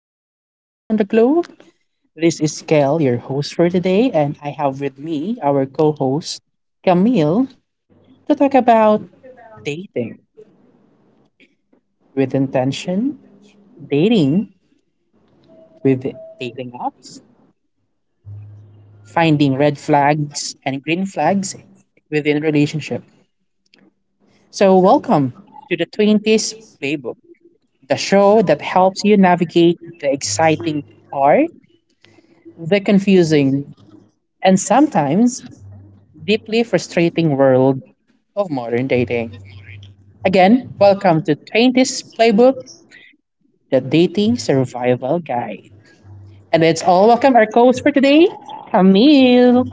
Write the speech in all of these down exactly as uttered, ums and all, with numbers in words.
listeners all around the globe. This is Kel, your host for today, and I have with me our co host, Camille, to talk about dating with intention, dating with dating apps, finding red flags and green flags within relationship. So, welcome to the twenties Playbook, the show that helps you navigate the exciting part, the confusing, and sometimes deeply frustrating world of modern dating. Again, welcome to twenties's Playbook, the Dating Survival Guide. And let's all welcome our co host for today, Camille.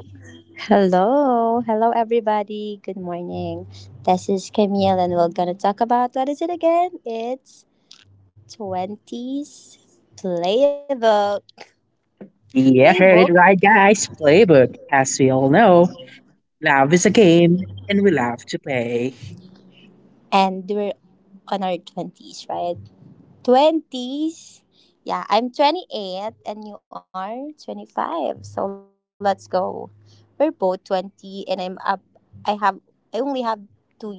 Hello, hello everybody. Good morning. This is Camille and we're going to talk about what is it again? It's twenties playbook. Yeah, Playbook heard it right, guys. Playbook, as we all know, love is a game and we love to play. and we're on our twenties, right? twenties. Yeah, I'm twenty eight and you are twenty five. So let's go. We're both twenty and I'm up I have I only have two years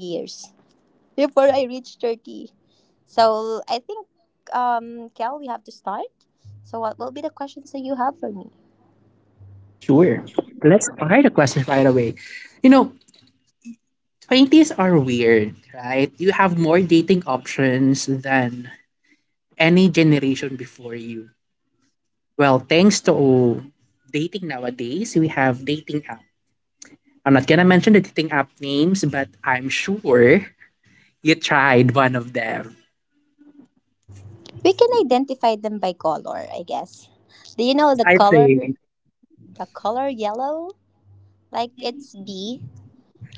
before I reach thirty. So I think, um, Kel, we have to start. So, what will be the questions that you have for me? Sure. Let's fire the questions right away. You know, twenties are weird, right? You have more dating options than any generation before you. Well, thanks to dating nowadays, we have dating app. I'm not gonna mention the dating app names, but I'm sure you tried one of them. We can identify them by color, I guess. Do you know Yes, the I color? think. The color yellow? Like it's B.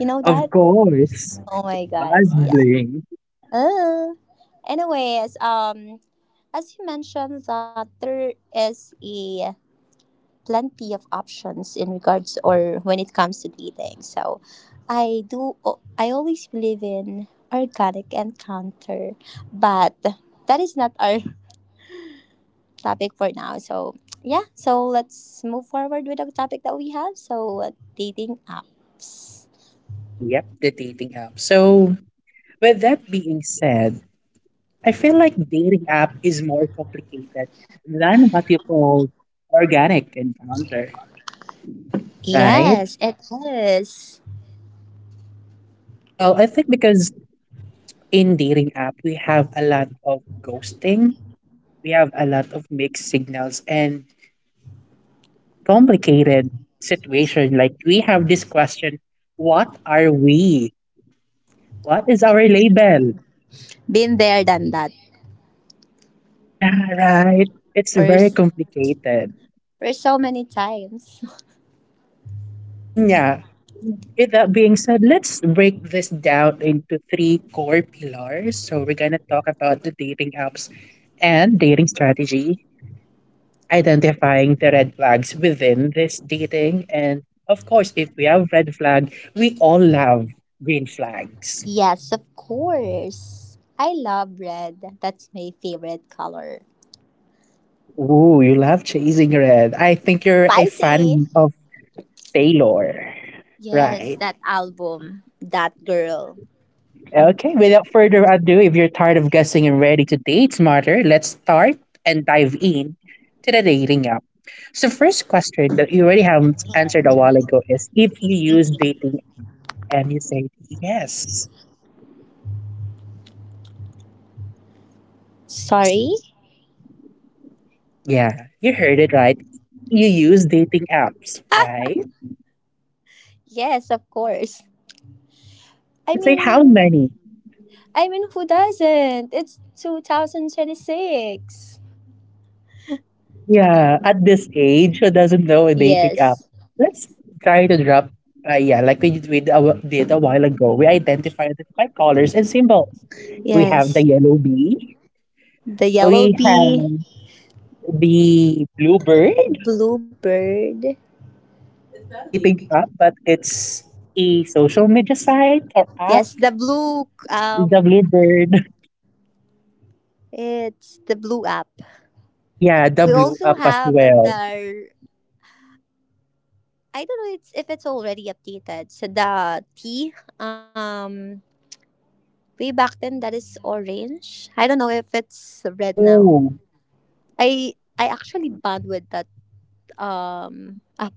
You know Of that? course. Oh my It god. was Yeah. bling. Uh, anyways, um, as you mentioned, that there is a plenty of options in regards or when it comes to dating. So I do I always believe in organic encounter, but that is not our topic for now. So yeah, so let's move forward with the topic that we have. So uh, dating apps. Yep, the dating app. So with that being said, I feel like dating app is more complicated than what you call organic encounter, right? Yes, it is. Well, I think because in dating app we have a lot of ghosting, we have a lot of mixed signals and complicated situation. Like we have this question, what are we? What is our label? Been there, done that. Yeah, right. It's For very complicated. for so many times. Yeah. With that being said, let's break this down into three core pillars. So we're gonna talk about the dating apps and dating strategy, identifying the red flags within this dating. And of course, if we have red flag, we all love green flags. Yes, of course. I love red. That's my favorite color. Ooh, you love chasing red. I think you're a Spicy. fan of Taylor, Yes, right? that album. That girl. Okay, without further ado, if you're tired of guessing and ready to date smarter, let's start and dive in to the dating app. So first question that you already have answered a while ago is if you use dating and you say yes. Sorry? Yeah, you heard it right. You use dating apps, right? Yes, of course. I Let's say how mean, many? I mean, who doesn't? It's two thousand twenty six. Yeah, at this age, who doesn't know a dating app? Yes. Let's try to drop. Uh, yeah, like we, did- we did a wh- did a while ago, we identified it by colors and symbols. We have the Yes. yellow bee. The yellow We have bee, the blue bird. blue bird. It's not a dating app, but it's a social media site or app. Yes, the blue The blue um bird. it's the blue app. Yeah, the We blue also app as have the well. I don't know it's if it's already updated. So the T. um Way back then, that is orange. I don't know if it's red now. Ooh, I I actually bond with that um app.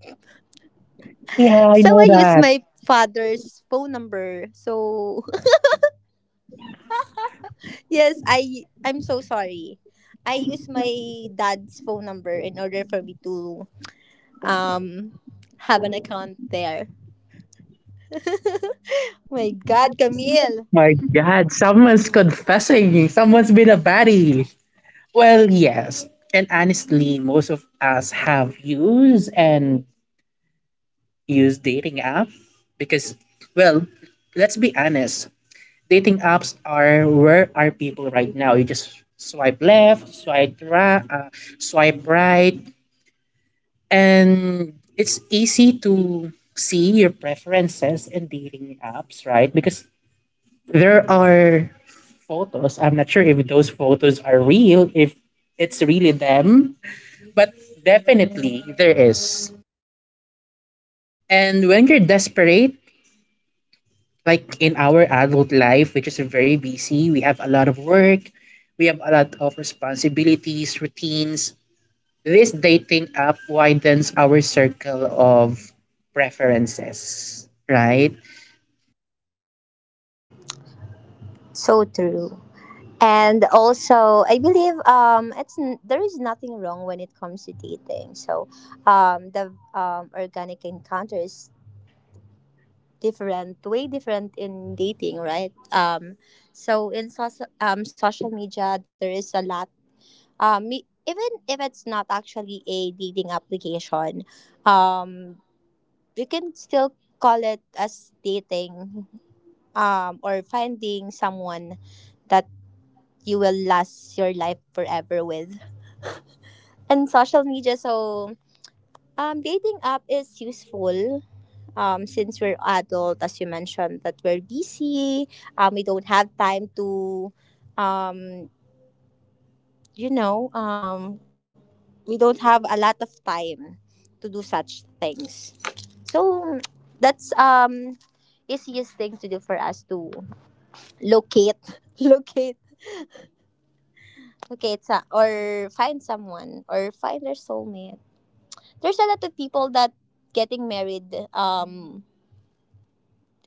yeah, I So know I use that. my father's phone number. So yes, I I'm so sorry. I use my dad's phone number in order for me to um have an account there. My God, Camille. My God, someone's confessing. Someone's been a baddie. Well, yes. And honestly, most of us have used and used dating apps because, well, let's be honest. Dating apps are where are people right now? You just swipe left, swipe right, uh, swipe right, and it's easy to see your preferences in dating apps, right? Because there are photos. I'm not sure if those photos are real, if it's really them, but definitely there is. And when you're desperate, like in our adult life, which is very busy, we have a lot of work, we have a lot of responsibilities, routines. This dating app widens our circle of preferences, right? So true. And also I believe um it's n- there is nothing wrong when it comes to dating. So um the um organic encounter is different way different in dating, right? Um so in soc um, social media there is a lot, um me- even if it's not actually a dating application, um we can still call it as dating, um or finding someone that you will last your life forever with, and social media. So, um, dating app is useful. Um, since we're adult, as you mentioned, that we're busy. Um, we don't have time to, um, you know, um, we don't have a lot of time to do such things. So, that's um easiest thing to do for us to locate, locate, locate, sa, or find someone or find their soulmate. There's a lot of people that getting married, um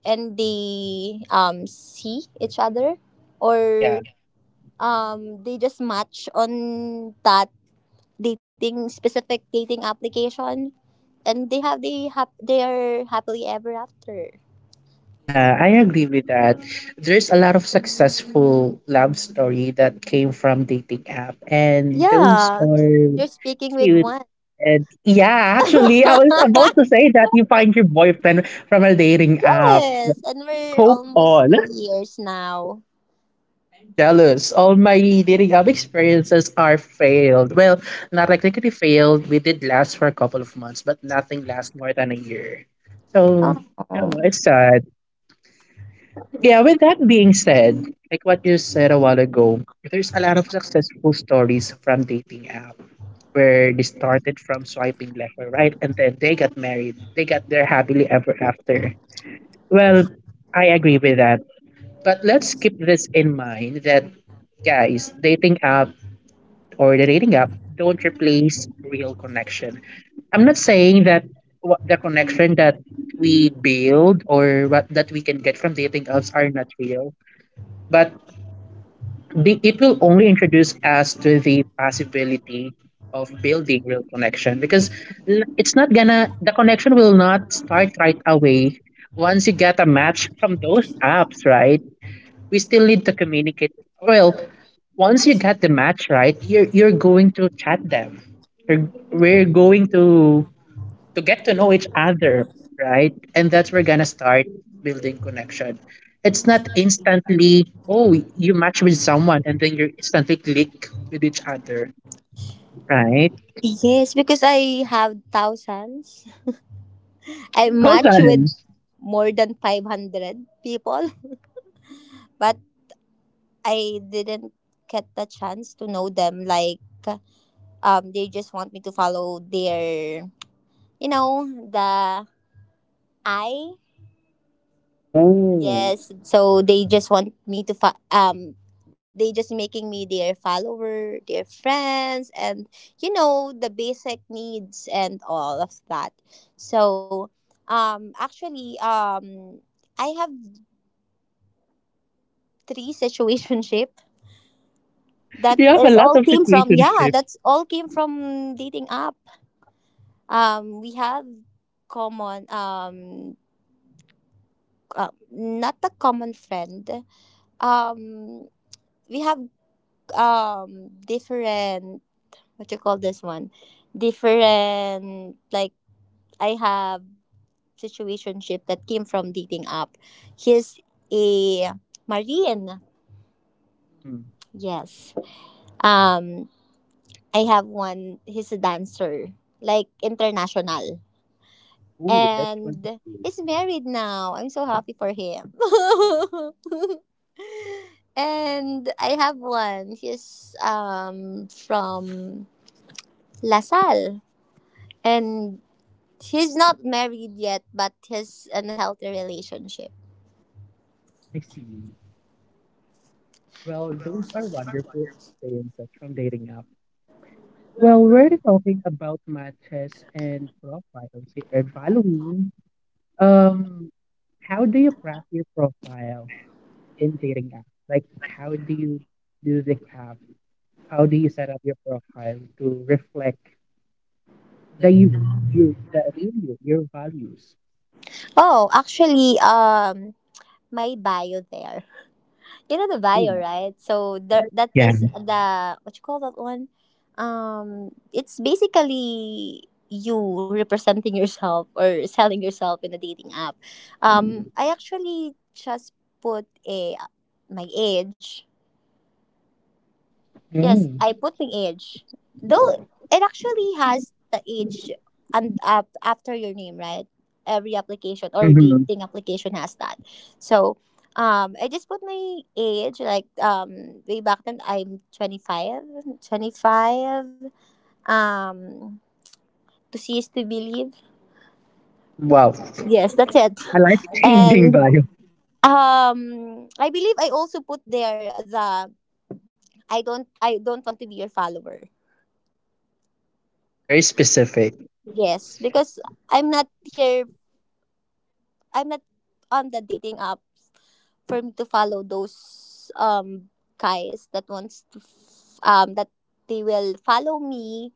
and they um see each other, or Yeah. um they just match on that dating specific dating application, and they have they have they are happily ever after. Yeah, I agree with that. There's a lot of successful love story that came from dating app, and those Yeah. are You're speaking with cute. one. And yeah, actually, I was about to say that you find your boyfriend from a dating app. Yes, and we're Hope almost on. two years now. I'm jealous. All my dating app experiences are failed. Well, not technically failed. We did last for a couple of months, but nothing lasts more than a year. So, Oh. no, it's sad. Yeah, with that being said, like what you said a while ago, there's a lot of successful stories from dating app where they started from swiping left or right and then they got married. They got their happily ever after. Well, I agree with that. But let's keep this in mind that guys, dating app or the dating app don't replace real connection. I'm not saying that what the connection that we build or what that we can get from dating apps are not real. But the, it will only introduce us to the possibility of building real connection because n- it's not gonna the connection will not start right away once you get a match from those apps, right? We still need to communicate well. Once you get the match, right, you're you're going to chat them, you're, we're going to to get to know each other, right? And that's where we're gonna start building connection. It's not instantly, oh, you match with someone and then you instantly click with each other, right? Yes, because I have thousands. Oh, I match with thousands. more than five hundred people, but I didn't get the chance to know them. Like, um, they just want me to follow their, you know, the I. Oh, Yes. So they just want me to fo- um, they just making me their follower, their friends, and you know the basic needs and all of that. So, um, actually, um, I have three situationship that you have a is lot all of came from, yeah, situationship. that's all came from dating app. Um, we have common um uh, not a common friend. Um, we have um different, what you call this one, different. Like I have situationship that came from dating app. He's a marine. Hmm. Yes. Um, I have one. He's a dancer, like international. Oh, that's one. And he's married now. I'm so happy for him. And I have one. He's um from LaSalle, and he's not married yet, but he's in a healthy relationship. I see. Well, those are wonderful experiences from dating app. Well, we're talking about matches and profiles and following. Um, how do you craft your profile in dating apps? Like, how do you do the craft? How do you set up your profile to reflect the you, you, the real you, your values? Oh, actually, um, my bio there. You know the Oh, bio, right? So the, that yeah. is the what you call that one? Um, it's basically you representing yourself or selling yourself in a dating app. Um, I actually just put a my age. Yes, Mm. I put my age. Though it actually has the age and up after your name, right? Every application or Mm-hmm. dating application has that. So, um, I just put my age, like um way back then I'm twenty five. Um, to see cease to believe. Wow. Yes, that's it. A life-changing And bio. um, I believe I also put there the I don't I don't want to be your follower. Very specific. Yes, because I'm not here I'm not on the dating app for me to follow those um guys that wants to f- um that they will follow me.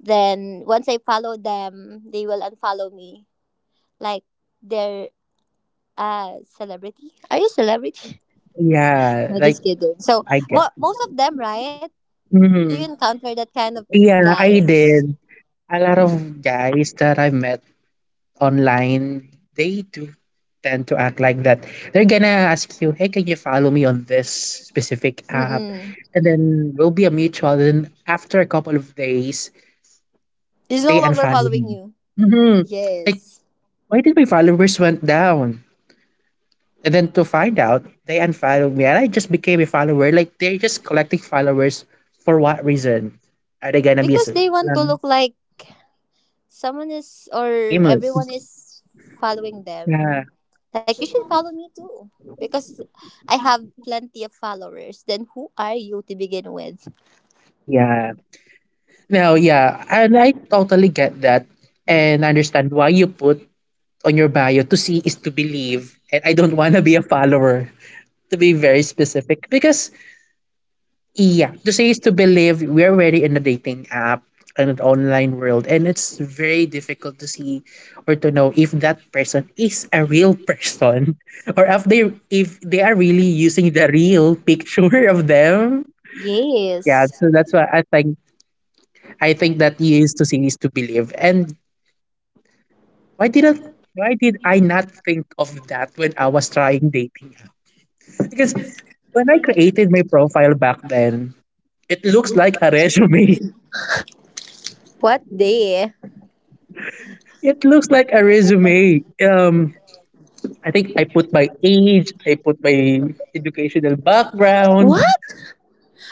Then once I follow them, they will unfollow me. Like they're uh celebrity. Are you celebrity? Yeah, No, like just kidding. So I get. mo- most of them, right? Do you Hmm. encounter that kind of Yeah, I guys? did. A lot of guys that I met online, they do tend to act like that. They're gonna ask you, "Hey, can you follow me on this specific app?" Mm-mm. And then we'll be a mutual. And after a couple of days, He's no they longer unfollow following me. you. Hmm. Like, Yes. why did my followers went down? And then to find out, they unfollowed me, and I just became a follower. Like they're just collecting followers for what reason? Are they gonna be a Because cel- they want to um, look like someone is like or famous? everyone is following Yeah, them. Like you should follow me too, because I have plenty of followers, then who are you to begin with? yeah. Now, yeah, and I totally get that, and understand why you put on your bio to see is to believe, and I don't want to be a follower. To be very specific, because yeah, to see is to believe. We're already in a dating app and an online world, and it's very difficult to see or to know if that person is a real person or if they if they are really using the real picture of them. Yes. Yeah, so that's why I think I think that is to see is to believe, and Why didn't why did I not think of that when I was trying dating app? Because when I created my profile back then, it looks like a resume. What day? It looks like a resume. Um I think I put my age, I put my educational background. What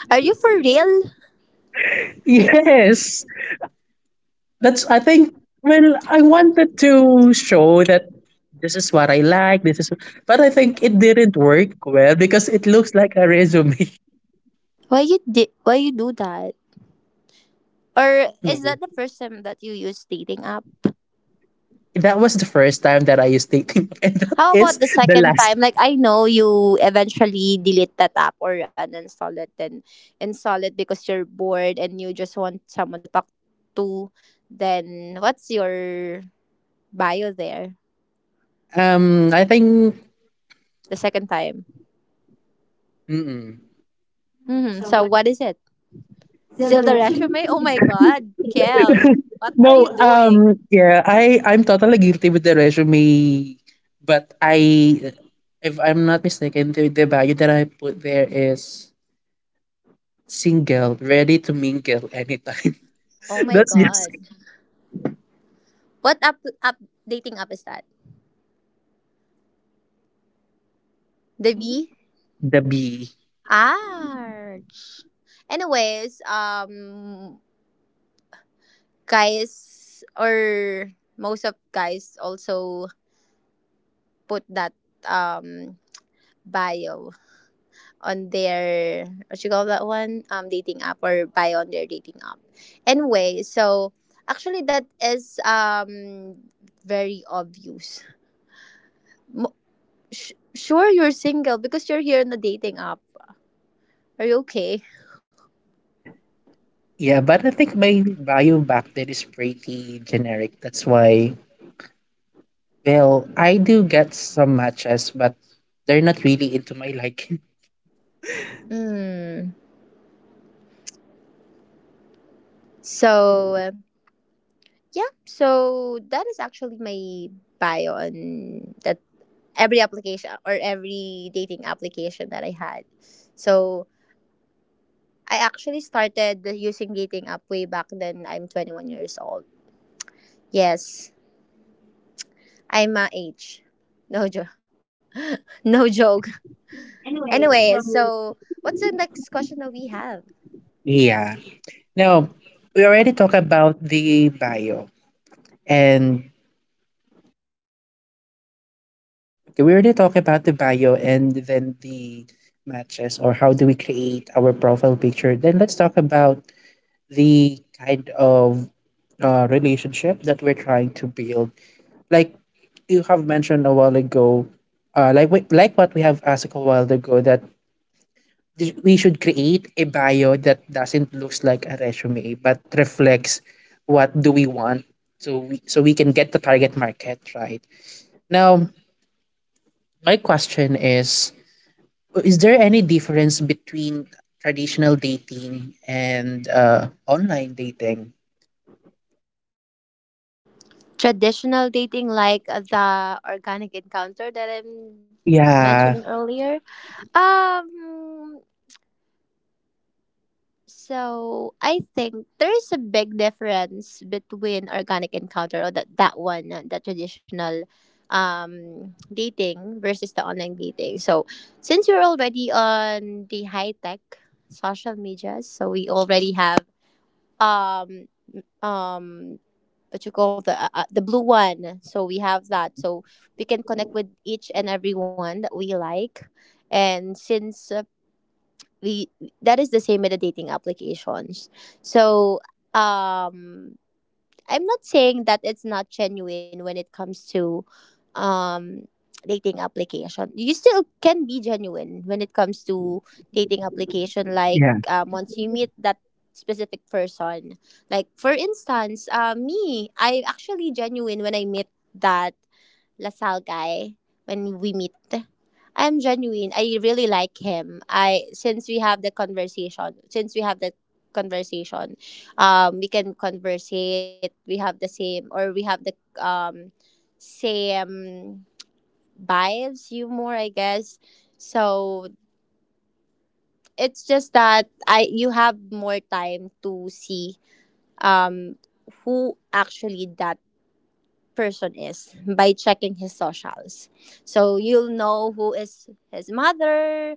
are you for real? Yes. That's I think, well, I wanted to show that this is what I like, this is, but I think it didn't work well because it looks like a resume. Why you did why you do that? I Or don't know. is that the first time that you use dating app? That was the first time that I used dating app, and that How is about the the second last. time? Like I know you eventually delete that app or uninstall it and install it because you're bored and you just want someone to talk to. Then what's your bio there? Um, I think. The second time. Mm-mm. Hmm. So what is it? Still the resume? Oh my god, Kel, what are No, you doing? um, yeah, I I'm totally guilty with the resume, but I, if I'm not mistaken, the, the value that I put there is single, ready to mingle anytime. Oh my That's just god, what up up dating app is that? The B. the B. Arch. Anyways, um, guys or most of guys also put that um bio on their, what you call that one, um dating app or bio on their dating app anyway. So actually that is um very obvious. Mo- sh- sure you're single because you're here on the dating app. Are you okay? Yeah, but I think my value back then is pretty generic. That's why, well, I do get some matches, but they're not really into my liking. Mm. So uh, yeah, so that is actually my bio on that every application or every dating application that I had. So I actually started using dating app way back then. I'm twenty one years old. Yes, I'm my age. No joke. No joke. Anyway, so what's the next question that we have? Yeah. Now, we already talked about the bio and we already talked about the bio and then the matches or how do we create our profile picture. Then let's talk about the kind of uh, relationship that we're trying to build. Like you have mentioned a while ago, uh, like we, like what we have asked a while ago that th- we should create a bio that doesn't looks like a resume but reflects what do we want, so we, so we can get the target market. Right now my question is is there any difference between traditional dating and uh, online dating? Traditional dating, like the organic encounter that I'm mentioning Yeah. earlier. Um, So I think there is a big difference between organic encounter or that that one, uh, the traditional um dating versus the online dating. So since you're already on the high tech social media, so we already have um um what you call the uh, uh, the blue one. So we have Hmm. that. So we can connect with each and every one that we like. And since uh, we that is the same with the dating applications. So um I'm not saying that it's not genuine when it comes to um dating application. You still can be genuine when it comes to dating application. Like Yeah. um, once you meet that specific person, like for instance, uh, me, I'm actually genuine when I meet that LaSalle guy when we meet. I'm genuine. I really like him. I Since we have the conversation, since we have the conversation, um, we can conversate. We have the same, or we have the um, same vibes. Humor, I guess. So it's just that I you have more time to see um who actually that person is by checking his socials. So you'll know who is his mother,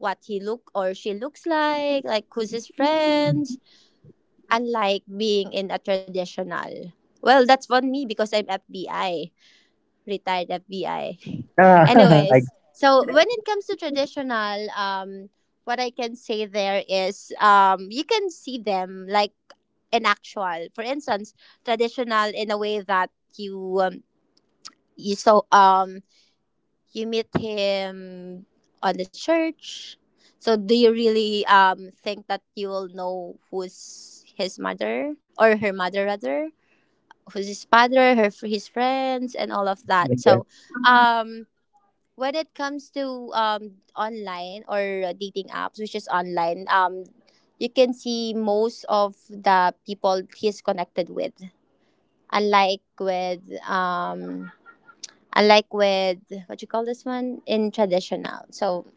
what he look or she looks like, like who's his friends, unlike being in a traditional. Well, that's for me because I'm F B I, retired F B I. Ah, I, Anyways, so when it comes to traditional, um, what I can say there is, um, you can see them like in actual. For instance, traditional in a way that you uh, You so um you meet him on the church. So do you really um think that you will know who's his mother or her mother rather, who's his father, her his friends, and all mm, of I that. guess. So um when it comes to um online or dating apps, which is online, um you can see most of the people he's connected with, unlike with um unlike with what you call this one in traditional. So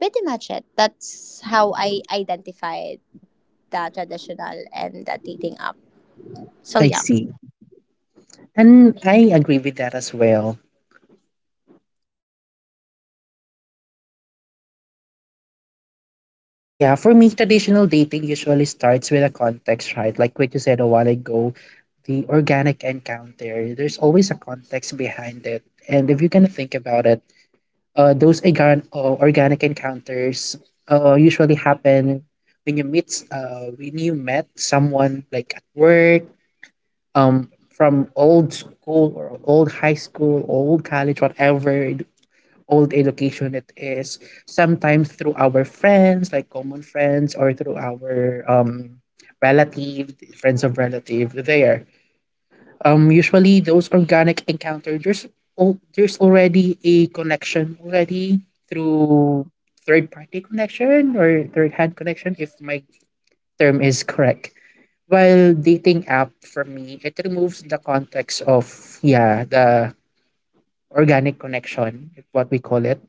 pretty much it. That's how I identified the traditional and the dating app. So I yeah. see, and I agree with that as well. Yeah, for me, traditional dating usually starts with a context, right? Like what you said a while ago, the organic encounter, there's always a context behind it. And if you can think about it, uh, those organ- uh, organic encounters uh, usually happen when you meet, uh, when you met someone like at work, um, from old school or old high school, old college, whatever old education it is. Sometimes through our friends, like common friends, or through our um relative, friends of relative there. Um usually those organic encounter, there's al- there's already a connection already through third party connection or third hand connection, if my term is correct. While dating app, for me, it removes the context of, yeah, the organic connection, what we call it.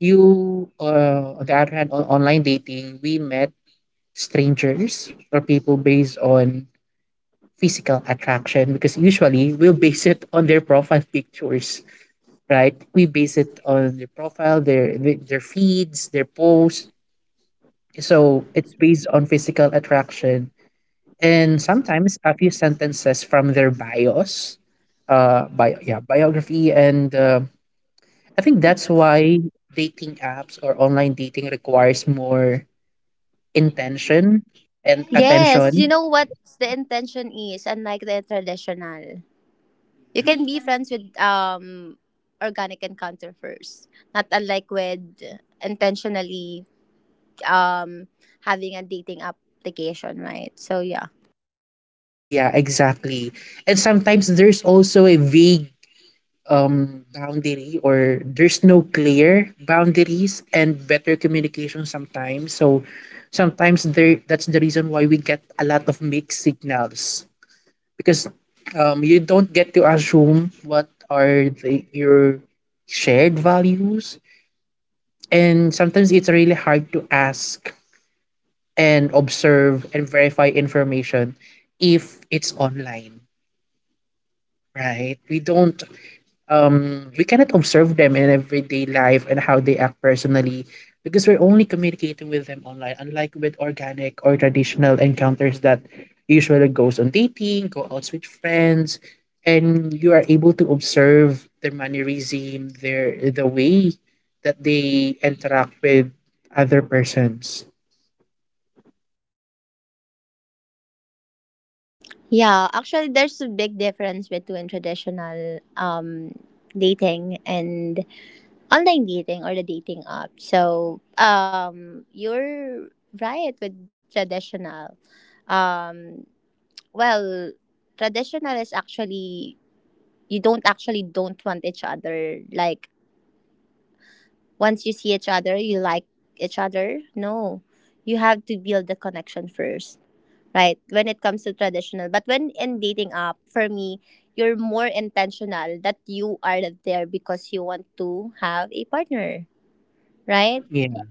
you, uh, On the other hand, on online dating, we met strangers or people based on physical attraction because usually we'll base it on their profile pictures, right? We base it on their profile, their their feeds, their posts. So it's based on physical attraction and sometimes a few sentences from their bios, uh, bio, yeah, biography, and uh, I think that's why dating apps or online dating requires more intention and Yes, you attention. know what the intention is, unlike the traditional. Yeah. You can be friends with um organic encounter first. Not unlike with intentionally um having a dating application, right? So yeah. Yeah, exactly. And sometimes there's also a vague um boundary or there's no clear boundaries and better communication sometimes. So sometimes there that's the reason why we get a lot of mixed signals because um you don't get to assume what are the, your shared values, and sometimes it's really hard to ask and observe and verify information if it's online, right? We don't um we cannot observe them in everyday life and how they act personally, because we're only communicating with them online, unlike with organic or traditional encounters that usually goes on dating, go out with friends, and you are able to observe their mannerism, their the way that they interact with other persons. Yeah, actually, there's a big difference between traditional um, dating and online dating or the dating app. So, um, you're right with traditional. Um, well, traditional is actually you don't actually don't want each other. Like once you see each other, you like each other. No, you have to build the connection first. Right when it comes to traditional, but when in dating app, for me you're more intentional, that you are there because you want to have a partner, right? Yeah.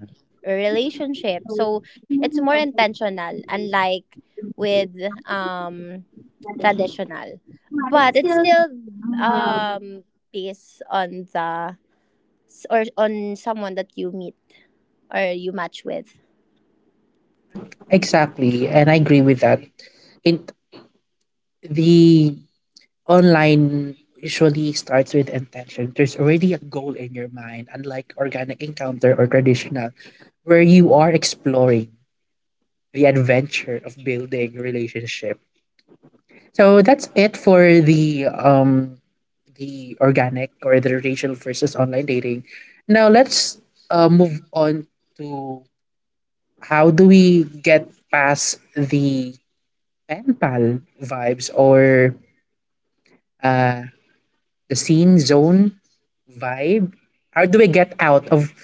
A relationship. So it's more intentional, unlike with um traditional, but it's still um based on the or on someone that you meet or you match with. I Exactly, and I agree with that. In the Online usually starts with intention. There's already a goal in your mind, unlike organic encounter or traditional, where you are exploring the adventure of building relationship. So that's it for the um the organic or the racial versus online dating. Now let's uh, move on to how do we get past the pen pal vibes or uh, the scene zone vibe? How do we get out of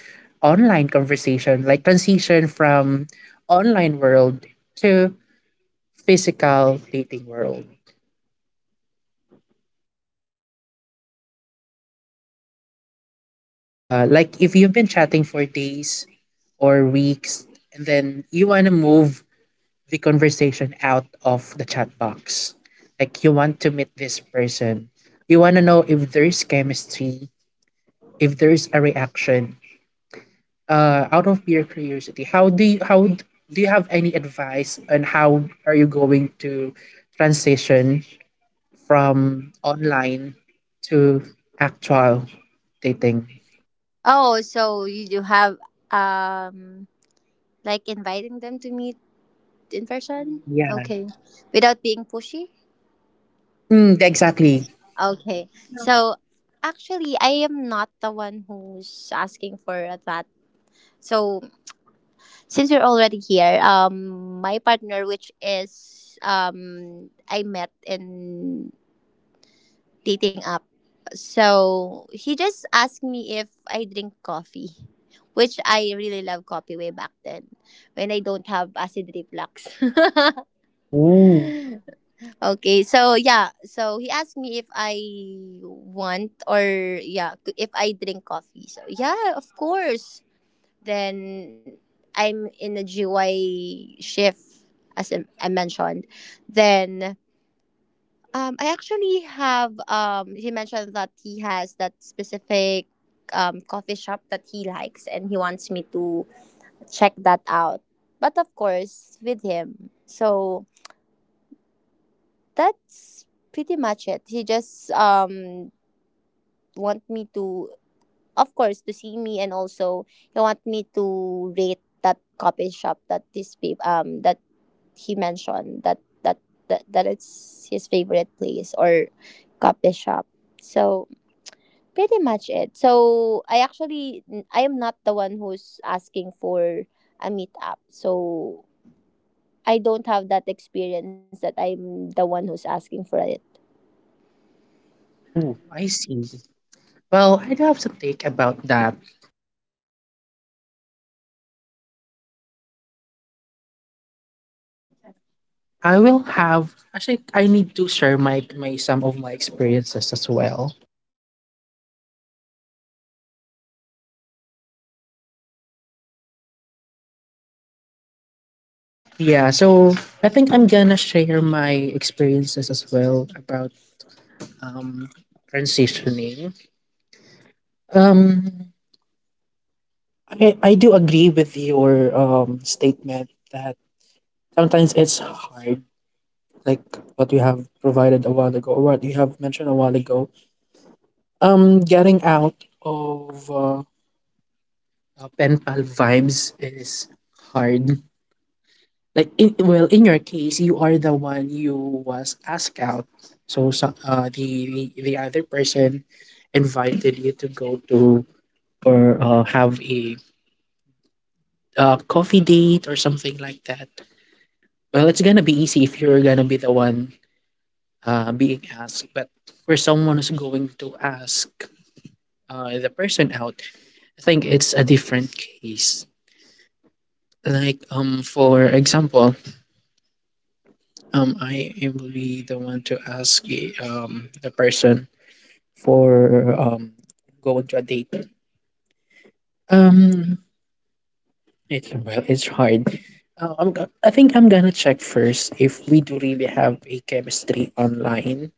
online conversation, like transition from online world to physical dating world? Uh, like if you've been chatting for days or weeks, and then you want to move the conversation out of the chat box. Like you want to meet this person. You want to know if there's chemistry, if there's a reaction. Uh, out of pure curiosity, how do you, how d- do you have any advice on how are you going to transition from online to actual dating? Oh, so you do have um like inviting them to meet in person? Mm, yeah. Okay. Without being pushy? Mm, exactly. Okay. So actually I am not the one who's asking for that. So since we're already here, um my partner, which is um I met in dating app. So he just asked me if I drink coffee. Which I really love coffee way back then when I don't have acid reflux. Mm. Okay, so yeah, so he asked me if I want or yeah, if I drink coffee. So yeah, of course. Then I'm in a G Y shift, as I I mentioned. Then um, I actually have um, he mentioned that he has that specific um, coffee shop that he likes, and he wants me to check that out. But of course, with him, so that's pretty much it. He just um want me to, of course, to see me, and also he want me to rate that coffee shop that this pe um that he mentioned that that that, that it's his favorite place or coffee shop. So pretty much it. So I actually I am not the one who's asking for a meetup. So I don't have that experience that I'm the one who's asking for a Mm, I see. Well, I'd have to think about that. I will have Actually, I need to share my my some of my experiences as well. Yeah, so I think I'm gonna share my experiences as well about um transitioning. Um I I do agree with your um statement that sometimes it's hard, like what you have provided a while ago or what you have mentioned a while ago. Um getting out of uh, uh, pen pal vibes is hard. Like in Well, in your case, you are the one you was asked out. So, so uh, the, the the other person invited you to go to or uh, have a uh, coffee date or something like that. Well, it's gonna be easy if you're gonna be the one uh, being asked. But for someone who's going to ask uh, the person out, I think it's a different case. Like um, for example, Um, I am really the one to ask the, um the person for um going to a date. Um, it's Well, it's hard. Uh, I'm, go- I think I'm gonna check first if we do really have a chemistry online,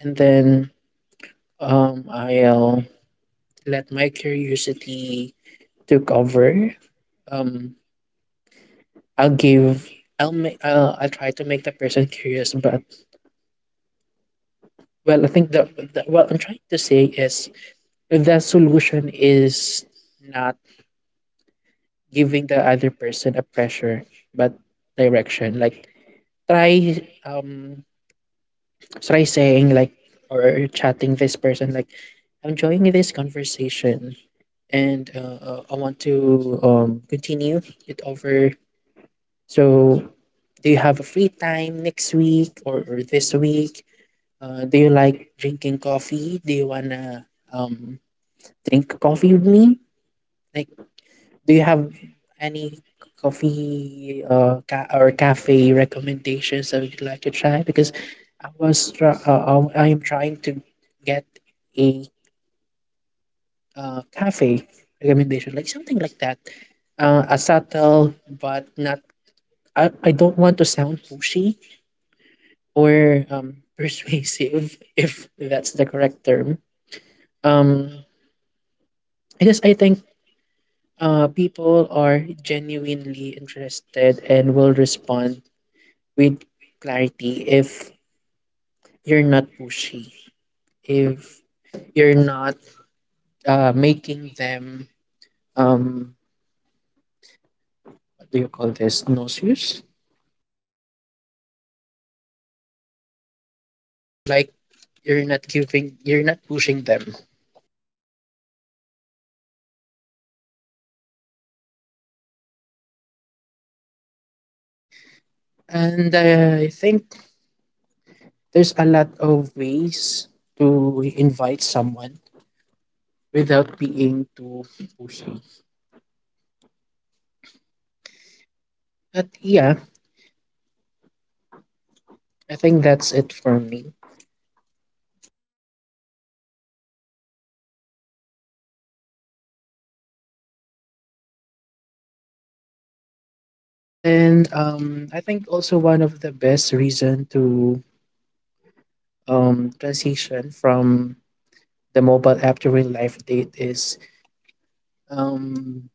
and then um I'll let my curiosity took over. Um, I'll give. I'll make. I'll, I'll try to make the person curious, but well, I think the, the what I'm trying to say is the solution is not giving the other person a pressure but direction, like try um try saying like or chatting this person like, I'm enjoying this conversation and uh, uh, I want to um continue it over, so do you have a free time next week, or, or this week? Uh, do you like drinking coffee? Do you wanna um drink coffee with me? Like, do you have any coffee uh, ca- or cafe recommendations that you'd like to try? Because I was try- uh, I am trying to get a uh, cafe recommendation, like something like that. Uh, a subtle, but not. I, I don't want to sound pushy or um, persuasive, if that's the correct term. Um, because I think uh, people are genuinely interested and will respond with clarity if you're not pushy, if you're not uh, making them um what do you call this, nauseous? Like you're not giving, you're not pushing them. And uh, I think there's a lot of ways to invite someone without being too pushy. But yeah, I think that's it for me. And then um, I think also one of the best reason to um, transition from the mobile app during life date is um,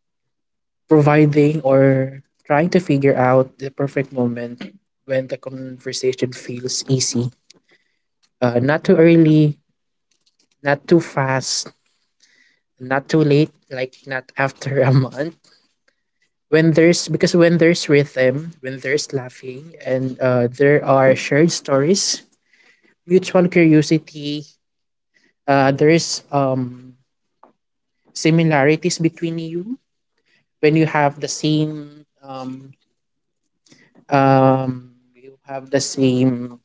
providing or trying to figure out the perfect moment when the conversation feels easy. Uh, not too early, not too fast, not too late, like not after a month. When there's Because when there's rhythm, when there's laughing, and uh, there are shared stories, mutual curiosity, uh, there's um similarities between you, when you have the same um um, you have the same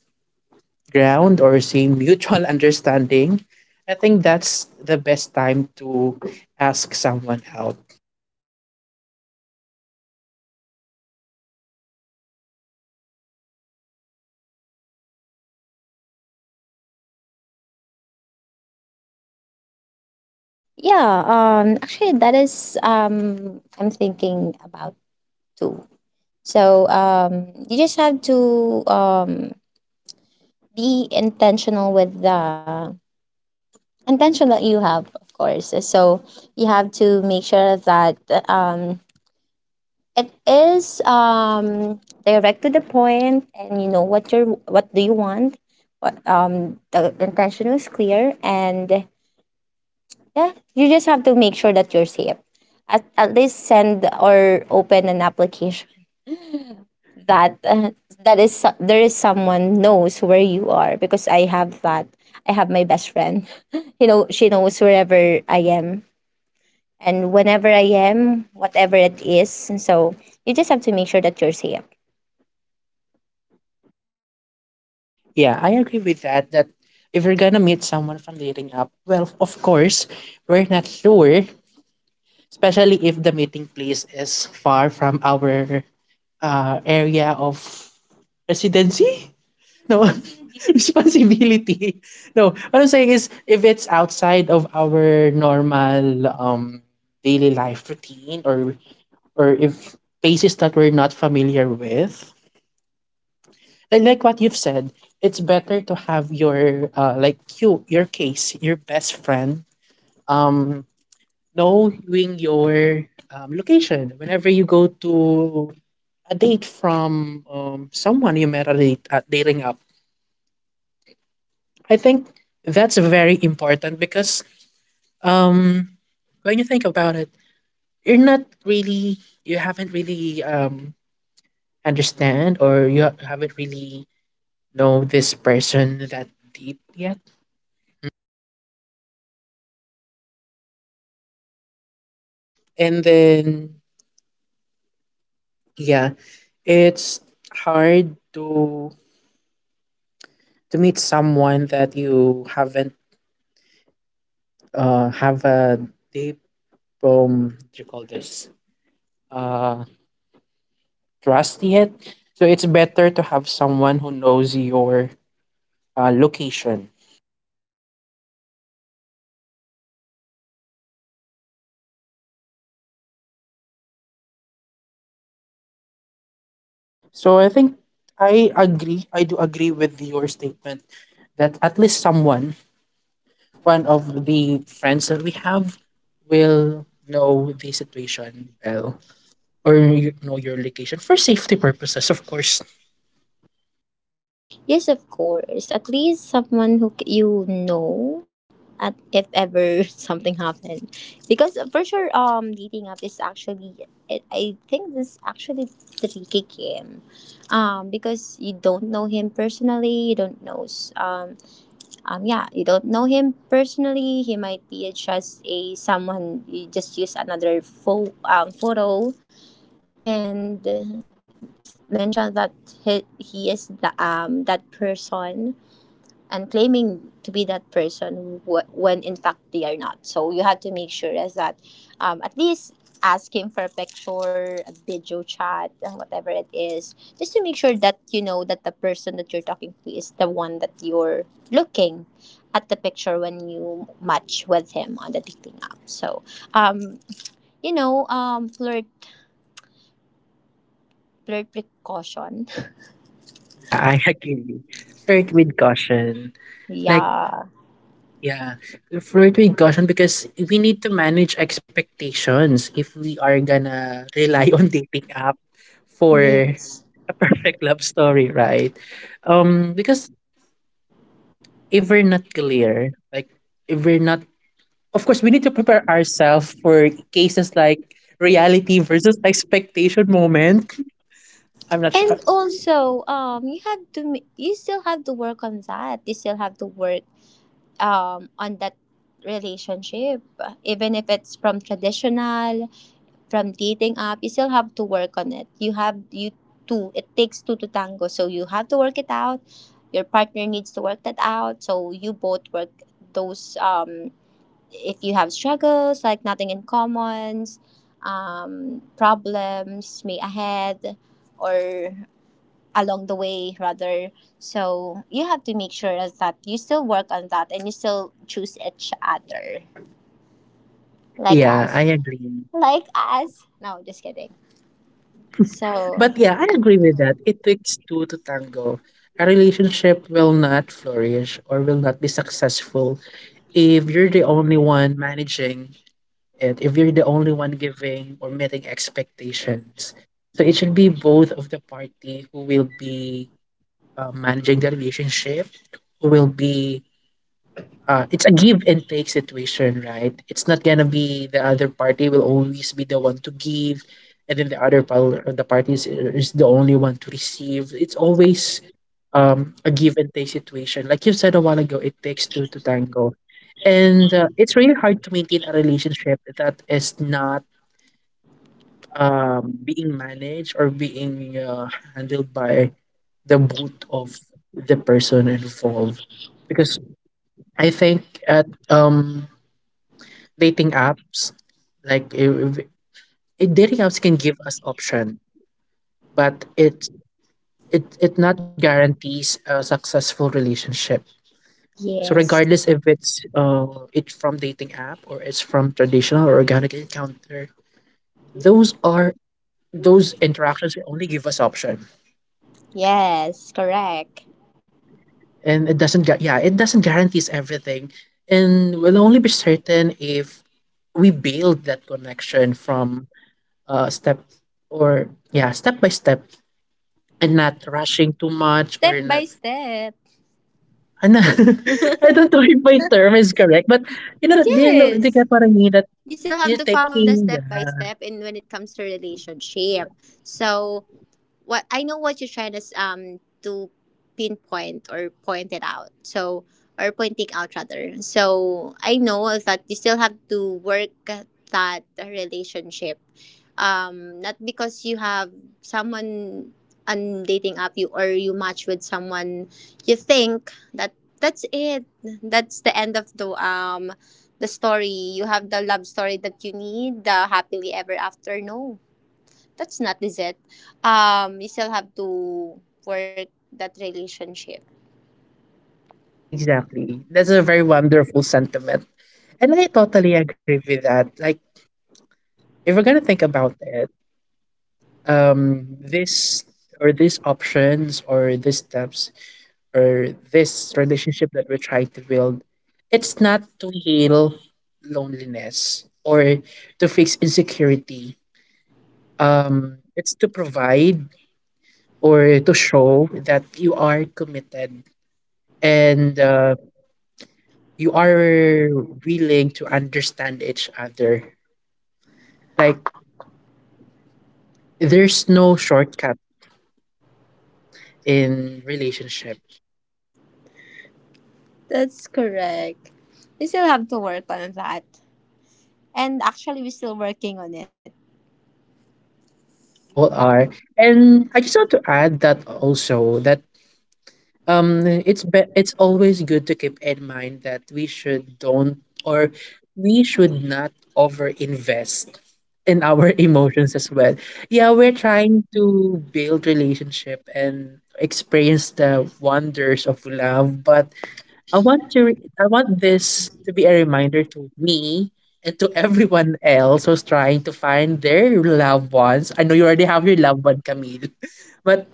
ground or same mutual understanding, I think that's the best time to ask someone out. Yeah, um actually that is um I'm thinking about too. So um you just have to um be intentional with the intention that you have, of course. So you have to make sure that um it is um, direct to the point, and you know what you're, what do you want. What um, The intention was clear, and yeah, you just have to make sure that you're safe. At, at least send or open an application that uh, that is so- there is someone knows where you are, because I have that. I have my best friend. You know, she knows wherever I am and whenever I am, whatever it is. And so you just have to make sure that you're safe. Yeah, I agree with that. That if you're gonna meet someone from dating app, well, of course, we're not sure, especially if the meeting place is far from our uh, area of residency. No, responsibility. No, what I'm saying is if it's outside of our normal um daily life routine or or if places that we're not familiar with, and like what you've said, it's better to have your uh, like you your case, your best friend, um, knowing your um, location. Whenever you go to a date from um, someone you met at a at dating app, I think that's very important because um, when you think about it, you're not really you haven't really um, understand or you ha- haven't really know this person that deep yet, and then yeah, it's hard to to meet someone that you haven't uh have a deep um what do you call this uh trust yet. So it's better to have someone who knows your uh, location. So I think I agree. I do agree with your statement that at least someone, one of the friends that we have, will know the situation well or you know your location for safety purposes, of course. Yes, of course. At least someone who c- you know at if ever something happened. Because for sure um dating up is actually it, I think this actually tricky game. Um because you don't know him personally, you don't know s- um um yeah, you don't know him personally. He might be just a someone you just use another fo um photo and mention that he, he is the um that person and claiming to be that person wh- when in fact they are not. So you have to make sure is that um, at least ask him for a picture, a video chat, uh, whatever it is, just to make sure that you know that the person that you're talking to is the one that you're looking at the picture when you match with him on the dating app. So, um, you know, um, flirt flirt precaution. Yeah, I agree. Flirt with caution. Like, Yeah. yeah, flirt with caution because we need to manage expectations if we are gonna rely on dating app for Yes. a perfect love story, right? Um, because if we're not clear, like if we're not, of course, we need to prepare ourselves for cases like reality versus expectation moment. I'm not sure. And also, um, you have to m- you still have to work on that. You still have to work um on that relationship, even if it's from traditional, from dating app. You still have to work on it. You have you two. It takes two to tango. So you have to work it out. Your partner needs to work that out. So you both work those um if you have struggles like nothing in commons, um, problems may ahead or along the way rather so you have to make sure is that you still work on that and you still choose each other like us Yeah, I agree. like us no just kidding so But yeah, I agree with that. It takes two to tango. A relationship will not flourish or will not be successful if you're the only one managing it, if you're the only one giving or meeting expectations. So it should be both of the party who will be uh, managing the relationship, who will be uh, it's a give and take situation, right? It's not gonna be the other party will always be the one to give, and then the other pal- uh, the party is, uh, is the only one to receive. It's always um, a give and take situation. Like you said a while ago, it takes two to tango, and uh, it's really hard to maintain a relationship that is not um, being managed or being uh, handled by the both of the person involved. Because I think at um dating apps, like if, if- it- dating apps can give us option, but it it it not guarantees a successful relationship. So yes regardless if it's uh it's from dating app or it's from traditional or organic encounter, those are those interactions will only give us option, yes correct and it doesn't gu- yeah, it doesn't guarantees everything, and we'll only be certain if we build that connection from uh step or yeah, step by step, and not rushing too much step or by not. step I na- I don't know if my term is correct, but you know, do you know, do you yes get what I mean? That you still have you're to follow the taking, yeah, step by step in when it comes to relationship so what I know what you're trying to s- um to pinpoint or point it out. So or pointing out rather. So I know that you still have to work at that relationship. Um, not because you have someone on dating app, you or you match with someone, you think that that's it. That's the end of the um the story. You have the love story that you need, the happily ever after. No, that's not is it. Um, you still have to work that relationship. exactly. That's a very wonderful sentiment. And I totally agree with that. Like, if we're gonna think about it, um, this or these options or these steps or this relationship that we're trying to build, it's not to heal loneliness or to fix insecurity. Um, it's to provide or to show that you are committed and uh, you are willing to understand each other. Like, there's no shortcut in relationship. That's correct. We still have to work on that. And actually, we're still working on it. We all are, and I just want to add that also that um it's be- it's always good to keep in mind that we should don't or we should not over invest in our emotions as well. Yeah, we're trying to build relationship and experience the wonders of love, but i want to re- I want this to be a reminder to me and to everyone else who's trying to find their loved ones. I know you already have your loved one, Camille, but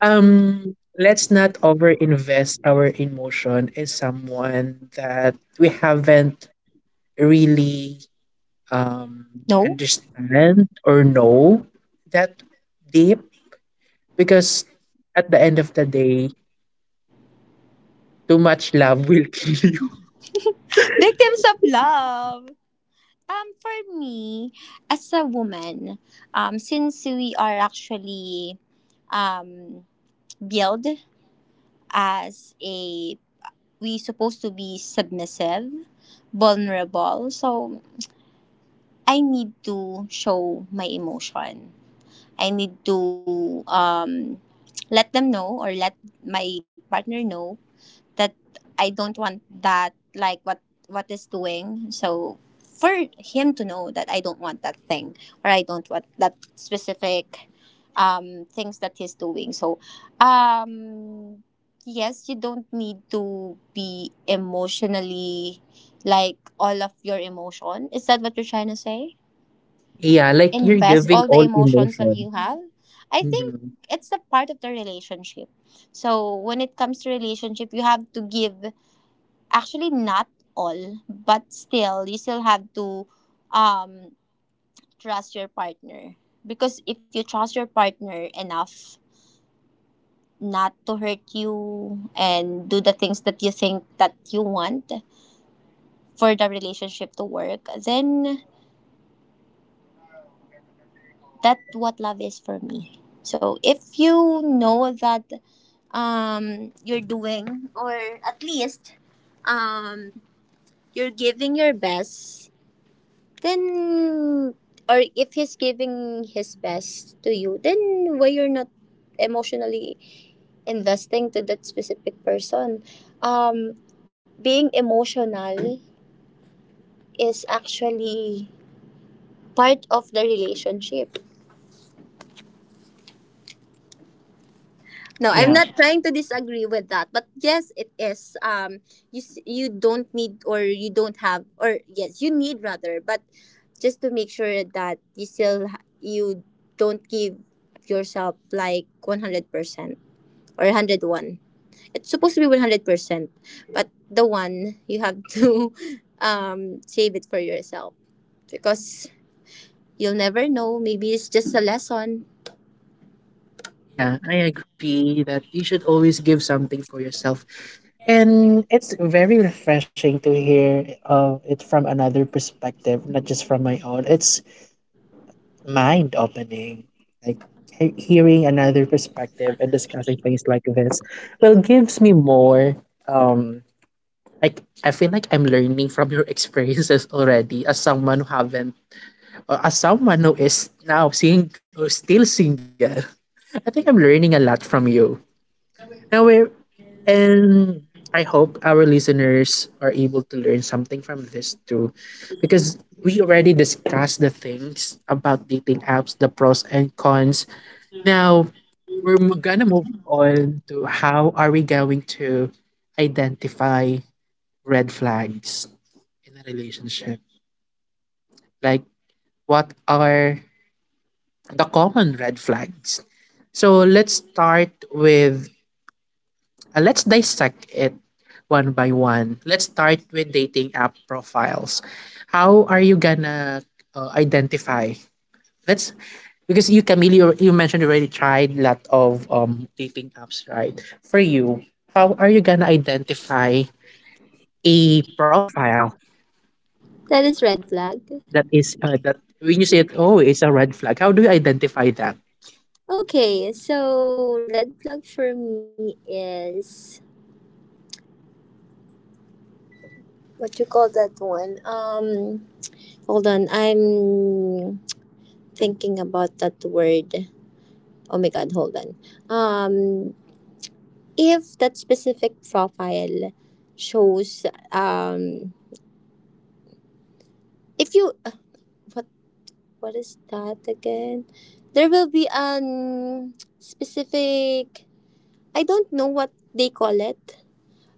um, let's not overinvest our emotion in someone that we haven't really um No? understand or know that deep, because at the end of the day, too much love will kill you. Victims of love! Um, for me, as a woman, um, since we are actually um, built as a, we supposed to be submissive, vulnerable, so I need to show my emotion. I need to um, let them know or let my partner know that I don't want that like what what is doing. So for him to know that I don't want that or I don't want that specific um, things that he's doing. So um, yes, you don't need to be emotionally like all of your emotion. Is that what you're trying to say? Yeah, like you're Invest giving all the all emotions that emotion. you have. I think Mhm. it's a part of the relationship. So when it comes to relationship, you have to give actually not all, but still you still have to um trust your partner, because if you trust your partner enough not to hurt you and do the things that you think that you want for the relationship to work, then that's what love is for me. So if you know that um you're doing or at least um you're giving your best, then or if he's giving his best to you, then why you're not emotionally investing to that specific person. Um, being emotional is actually part of the relationship. No, I'm Yeah. not Yeah. trying to disagree with that, but yes, it is. Um, you s- you don't need or you don't have or yes, you need rather, but just to make sure that you still ha- you don't give yourself like one hundred percent or one hundred one. It's supposed to be one hundred percent, but the one you have to um save it for yourself, because you'll never know. Maybe it's just a lesson. Yeah, I agree that you should always give something for yourself. And it's very refreshing to hear uh, it from another perspective, not just from my own. It's mind opening. Like, he- hearing another perspective and discussing things like this, well, gives me more. Um, like, I feel like I'm learning from your experiences already as someone who haven't, or as someone who is now seeing, still single. I think I'm learning a lot from you. Now, we're And I hope our listeners are able to learn something from this too, because we already discussed the things about dating apps, the pros and cons. Now we're mo- gonna move on to how are we going to identify red flags in a relationship? Like, what are the common red flags? So let's start with Uh, let's dissect it one by one. Let's start with dating app profiles. How are you gonna uh, identify? Let's Because you, Camille, you, you mentioned you already tried a lot of um dating apps, right? For you, how are you gonna identify a profile That is red flag. that is uh, that when you say it, oh, it's a red flag. How do you identify that? Okay, so red flag for me is what you call that one? Um, hold on, I'm thinking about that word. Oh my god, hold on. Um, if that specific profile shows um, if you uh, what what is that again? There will be an specific. I don't know what they call it.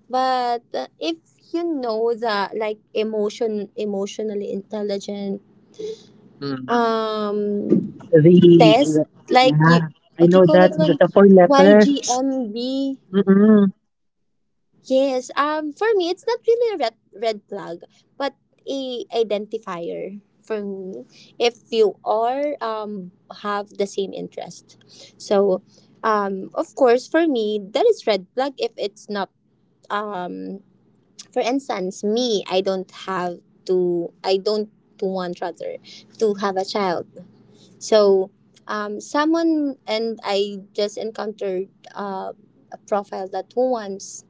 But uh, if you know the like emotion emotionally intelligent Mm. um The, test the like yeah, you I what you know call that, that the, one the four letters. Y G M B. Yes, um for me it's not really a red red flag, but a identifier for me if you are um have the same interest. So um of course for me that is red flag if it's not um, for instance, me I don't have to I don't want rather, to have a child. So um, someone and I just encountered uh, a profile that who wants.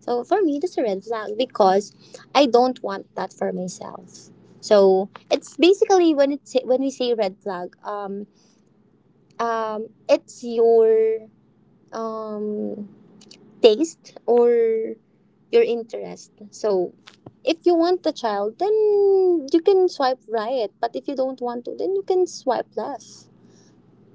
So for me that's a red flag, because I don't want that for myself. So it's basically when it's when we say red flag um um it's your um taste or your interest. So if you want the child, then you can swipe right. But if you don't want to, then you can swipe left.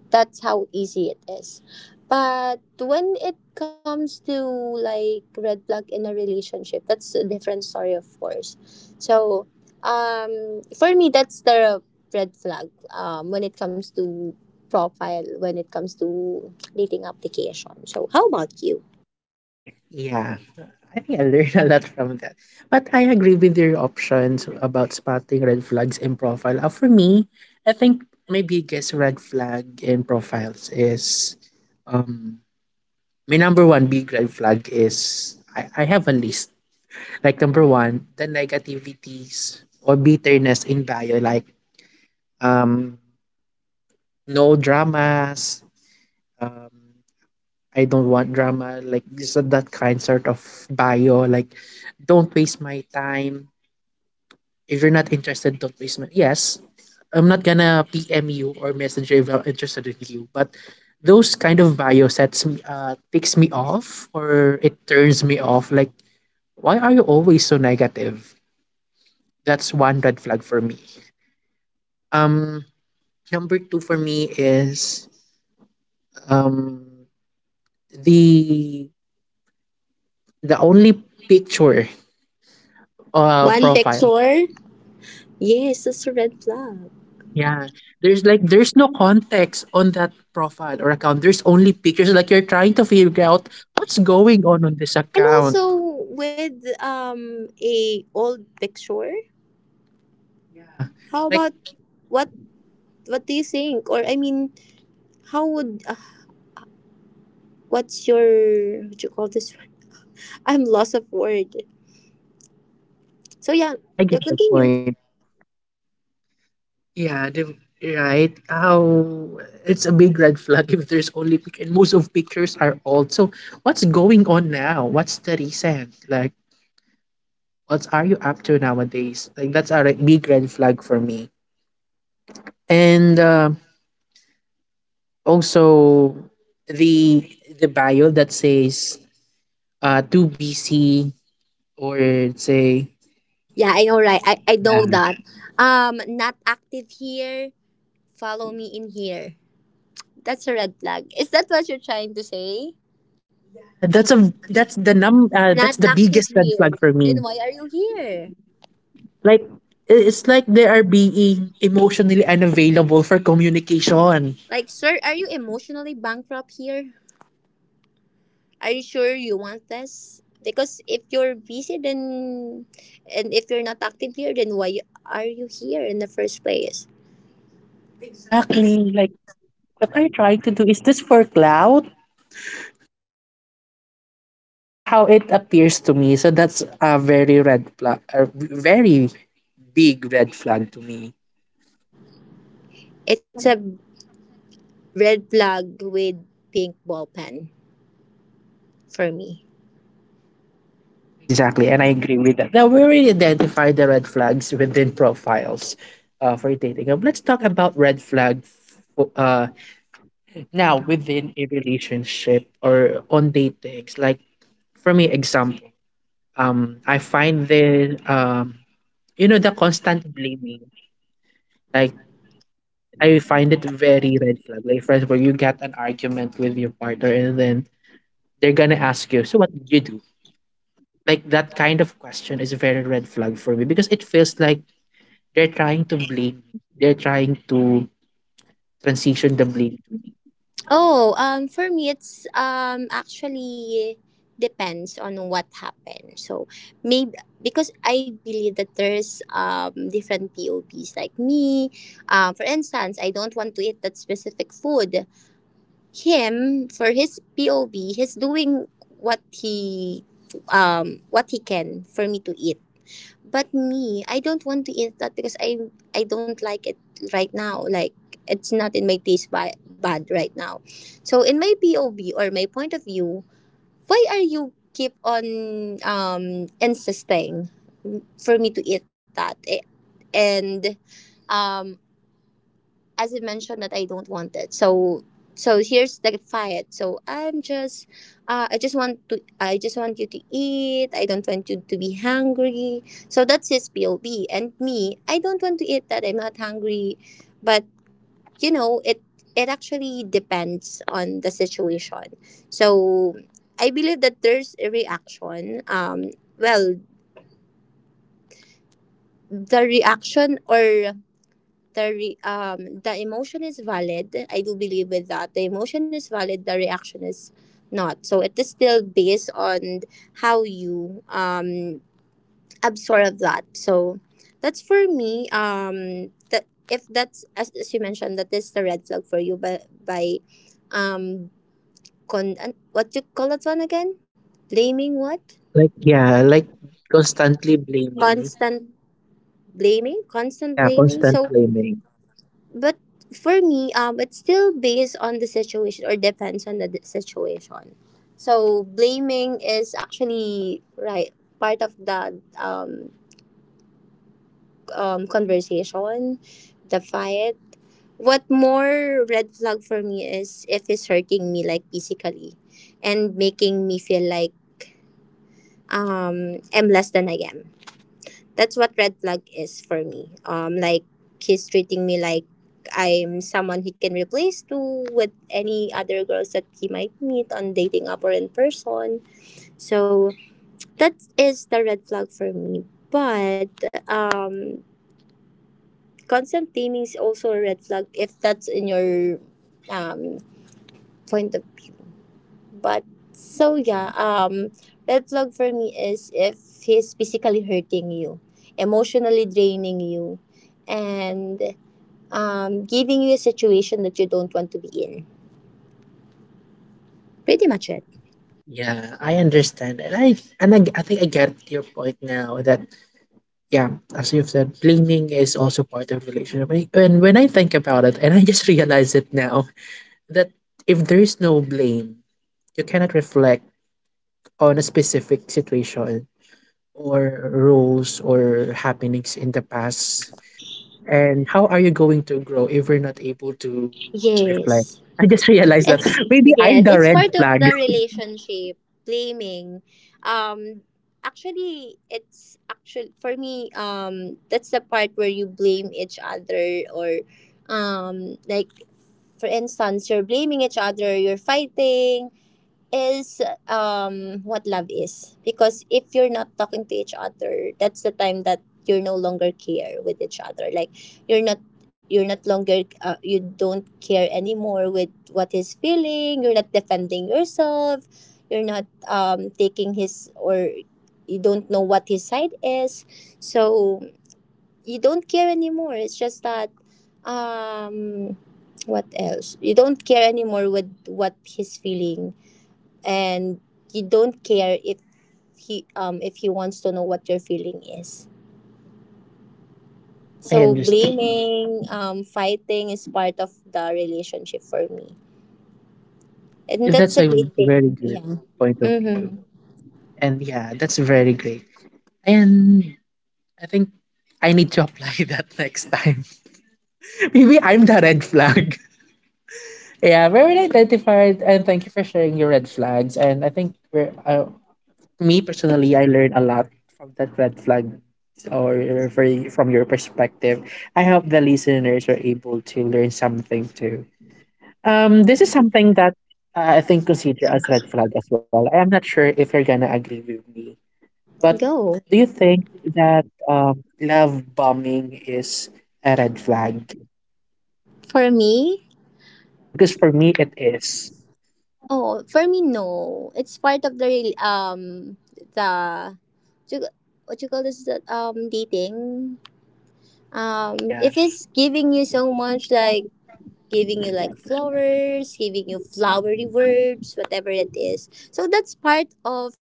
That's how easy it is. But when it comes to like red flag in a relationship, that's a different story, of course. So um, for me, that's the red flag um, when it comes to profile, when it comes to dating application. So how about you? Yeah, I think I learned a lot from that. But I agree with your options about spotting red flags in profile. Uh, for me, I think my biggest red flag in profiles is um my number one big red flag is I, I have a list. Like, number one, the negativities or bitterness in bio, like, um no dramas, um I don't want drama. Like, just that kind sort of bio. Like, don't waste my time. If you're not interested, don't waste my. Yes, I'm not gonna P M you or message you if I'm interested in you. But those kind of bio sets me, uh, takes me off or it turns me off. Like, why are you always so negative? That's one red flag for me. Um, Number two for me is um the the only picture uh One profile. picture? Yes, that's a red flag. Yeah, there's like, there's no context on that profile or account. There's only pictures. Like, you're trying to figure out what's going on on this And account. also with um a old picture, Yeah, how like, about what what do you think? Or I mean, how would uh, what's your what you call this one? I'm lost of word. So yeah, yeah, I yeah, get the continue. point. Yeah, the, right. How It's a big red flag if there's only pic- and most of pictures are old. So what's going on now? What's the reason? Like, what are you up to nowadays? Like, that's a re- big red flag for me. And uh, also the the bio that says uh two B C or say Yeah, I know, right? I I yeah, know that. Um, not active here. Follow me in here. That's a red flag. Is that what you're trying to say? yeah that's a that's the num Not uh, that's the active biggest red here. flag for Then me. why are you here? Like, i- it's like they are being emotionally unavailable for communication. Like, sir, are you emotionally bankrupt here? Are you sure you want this? Because if you're busy, then and if you're not active here, then why are you here in the first place? Exactly. Like, what are you trying to do? Is this for cloud? That's how it appears to me. So that's a very red flag, a very big red flag to me. It's a red flag with pink ball pen for me. Exactly, and I agree with that. Now we already identified the red flags within profiles uh, for dating. Um, let's talk about red flags uh, now within a relationship or on datings. Like, for me, example, um, I find the um, you know, the constant blaming. Like, I find it very red flag. Like, for example, you get an argument with your partner, and then they're gonna ask you, "So what did you do?" Like, that kind of question is a very red flag for me, because it feels like they're trying to blame me. They're trying to transition the blame. Oh, um, for me, it's um actually depends on what happened. So maybe because I believe that there's um different P O Ps like me. Um, for instance, I don't want to eat that specific food. Him for his P O V, he's doing what he um what he can for me to eat. But me, I don't want to eat that because I I don't like it right now. Like it's not in my taste ba- bad right now. So in my P O V or my point of view, why are you keep on um insisting for me to eat that? Eh, and um as I mentioned that I don't want it. So so here's the fight. So I'm just uh, I just want to I just want you to eat. I don't want you to be hungry. So that's his P O V. And me, I don't want to eat that. I'm not hungry. But you know, it it actually depends on the situation. So I believe that there's a reaction. Um well, the reaction or the re- um the emotion is valid. I do believe with that, the emotion is valid, the reaction is not. So it is still based on how you um absorb that. So that's for me, um that if that's as, as you mentioned, that is the red flag for you. But by um con an- what you call that one again, blaming? What, Like, yeah, like, constantly blaming. constant blaming, constant Yeah, blaming. so constant blaming. But for me, um, it's still based on the situation or depends on the d- situation. So blaming is actually right part of the um, um, conversation, the fight. What more red flag for me is if it's hurting me like physically, and making me feel like um I'm less than I am. That's what red flag is for me. Um, like he's treating me like I'm someone he can replace to with any other girls that he might meet on dating app or in person. So that is the red flag for me. But um, constant taming is also a red flag if that's in your um point of view. But so yeah, um, red flag for me is if he's physically hurting you, emotionally draining you, and um, giving you a situation that you don't want to be in. Pretty much it. Yeah, I understand, and I and I, g- I think I get your point now that yeah, as you've said, blaming is also part of relationship. I- And when I think about it, and I just realize it now that if there is no blame, you cannot reflect on a specific situation or roles or happenings in the past. And how are you going to grow if we're not able to reflect? Yes. I just realized that It's maybe I'm yes, the it's red part of flag. the relationship, blaming. Um actually it's actually for me, um that's the part where you blame each other, or um like for instance you're blaming each other, you're fighting, is um what love is. Because if you're not talking to each other, that's the time that you're no longer care with each other, like you're not, you're not longer uh, you don't care anymore with what he's feeling. You're not defending yourself, you're not um taking his, or you don't know what his side is. So you don't care anymore. It's just that um what else, you don't care anymore with what he's feeling. And you don't care if he, um if he wants to know what your feeling is. I So understand. blaming, um fighting is part of the relationship for me, and that's That's a a great very thing. good Yeah. point of view. Mm-hmm. And yeah, that's very great. And I think I need to apply that next time. Maybe I'm the red flag. Yeah, very well identified. And thank you for sharing your red flags. And I think we're, I, me personally, I learned a lot from that red flag or for, from your perspective. I hope the listeners are able to learn something too. Um, this is something that I think consider as red flag as well. I am not sure if you're gonna agree with me, but Go. do you think that um, love bombing is a red flag? For me. Uh, Because for me, it is. Oh, for me, no, it's part of the rel- um the ju- what you call this, that um dating. Um, Mm, yeah. if it's giving you so much, like giving you like flowers, giving you flowery words, whatever it is. So that's part of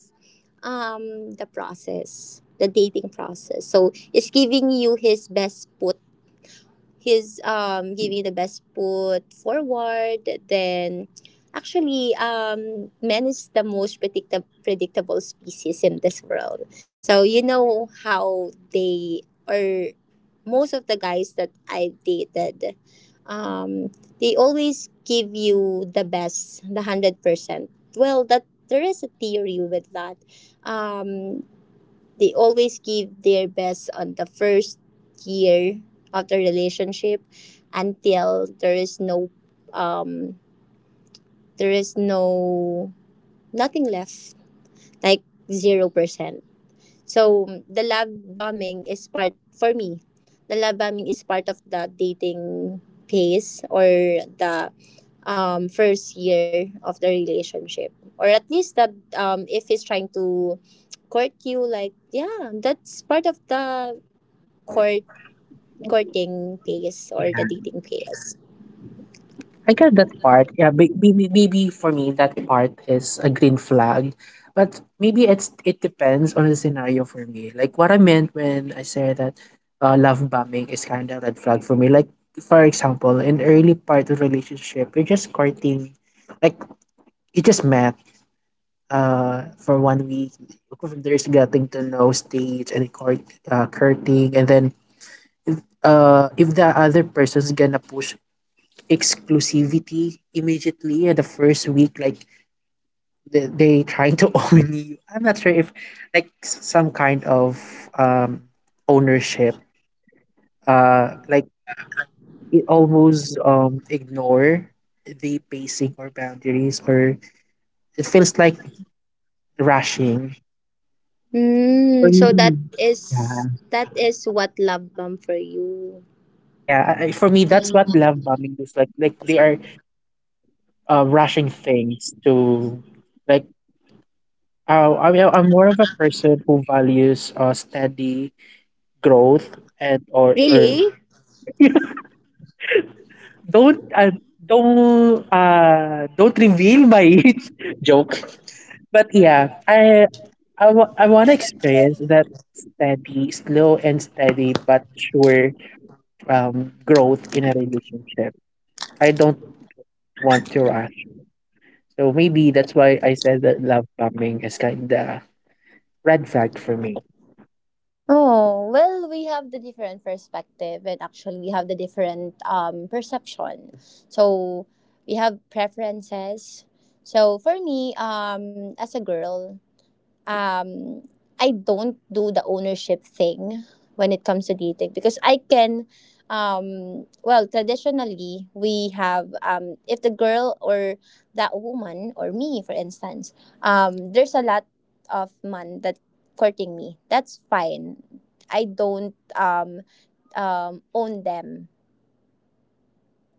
um the process, the dating process. So it's giving you his best put, he's um giving the best foot forward. Then actually, um man is the most predictable predictable species in this world. So you know how they are. Most of the guys that I've dated, um they always give you the best, the one hundred percent. Well that, there is a theory with that. Um, they always give their best on the first year of the relationship, until there is no, um there is no, nothing left. Like zero percent. So the love bombing is part for me. The love bombing is part of the dating phase, or the um, first year of the relationship, or at least that, um, if he's trying to court you, like yeah, that's part of the court courting phase or the Yeah. dating phase. I get that part. Yeah, may- maybe maybe for me that part is a green flag, but maybe it's, it depends on the scenario for me. Like, what I meant when I said that uh, love bombing is kind of red flag for me. Like, for example, in early part of relationship, you're just courting, like, you just met uh for one week. There's getting to know stage and court uh, courting, and then uh if the other person's gonna push exclusivity immediately at the first week, like, they, they trying to own you. I'm not sure if like, s- some kind of um ownership, uh like, it almost um ignore the pacing or boundaries, or it feels like rushing for Mm, so that me. Yeah, is, that is what love bomb for you. yeah, I, I- for me that's what love bombing is. like like they are uh, rushing things to, like, uh, I mean, I'm more of a person who values uh, steady growth and or, or Really? don't uh, don't uh don't reveal my joke. But yeah, i i, w- I want to experience that steady, slow and steady but sure, um growth in a relationship. I don't want to rush. So maybe that's why I said that love bombing is kind of red flag for me. Oh, well, we have the different perspective, and actually we have the different um perception. So we have preferences. So for me, um as a girl, um I don't do the ownership thing when it comes to dating, because I can um well, traditionally we have, um if the girl, or that woman, or me for instance, um there's a lot of man that courting me, that's fine. I don't, um um own them,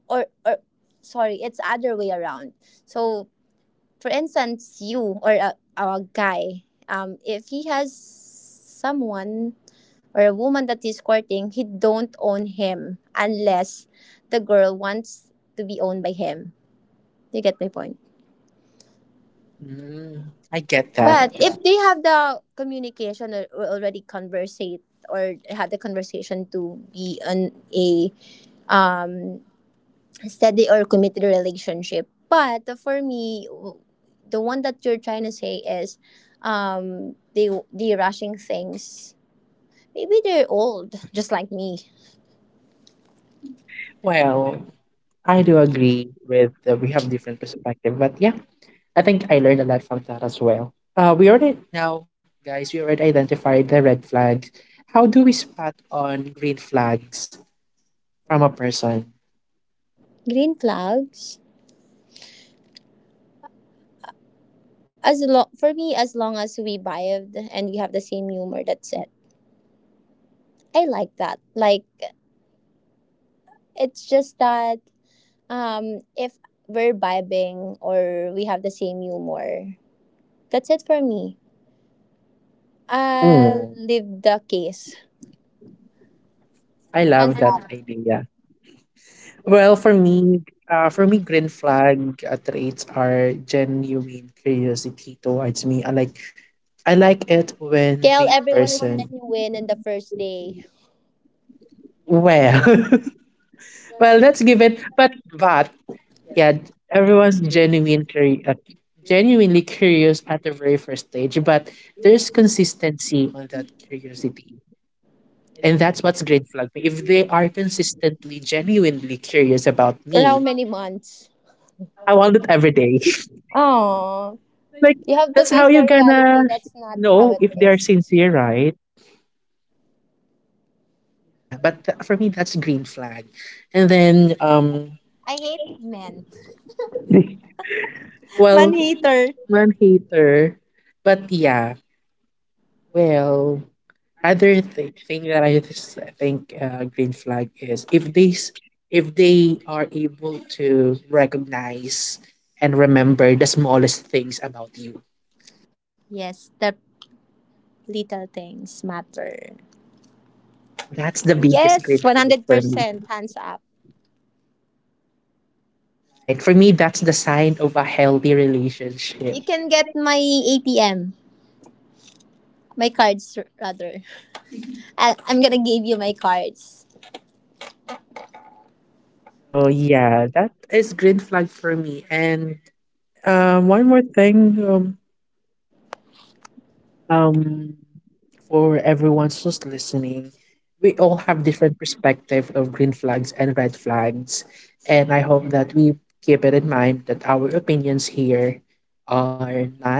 or or sorry, it's other way around. So for instance, you or a, a guy, um, if he has someone or a woman that he's courting, he don't own him unless the girl wants to be owned by him. You get my point. Mm, I get that. But if they have the communication, or, or already conversate or had the conversation to be on a um steady or committed relationship. But for me, w- the one that you're trying to say is, um, they, they rushing things. Maybe they're old, just like me. Well, I do agree with uh, we have different perspective, but yeah, I think I learned a lot from that as well. Uh, we already now, guys, we already identified the red flags. How do we spot on green flags from a person? Green flags. As long for me, as long as we vibed and we have the same humor, that's it. I like that. Like it's just that, um, if we're vibing or we have the same humor, that's it for me. I'll Mm, leave the case. I love Hands. that idea. Well, for me, uh, for me, green flag uh, traits are genuine curiosity towards me. I like, I like it when Kel, the everyone is person— genuine in the first day. well, well, let's give it. But but yeah, everyone's genuine curi- uh, genuinely curious at the very first stage. But there's consistency on that curiosity, and that's what's green flag me. If they are consistently, genuinely curious about Or how me, many months? I want it every day. Oh, Like, you have to that's how face the you're gonna reality. That's not how know it if they are is. sincere, right? Yeah, but th- for me, that's green flag. And then um, I hate men. well, Man hater. one hater. But yeah, well, other th- thing that I just think uh, green flag is if they s- if they are able to recognize and remember the smallest things about you. Yes, the little things matter. That's the biggest Yes, green flag for me. one hundred percent hands up. Like, for me, that's the sign of a healthy relationship. You can get my A T M, my cards, r- rather. I- I'm gonna give you my cards. So yeah, that is green flag for me. And uh, one more thing, um, um, for everyone who's listening, we all have different perspective of green flags and red flags, and I hope that we keep it in mind that our opinions here are not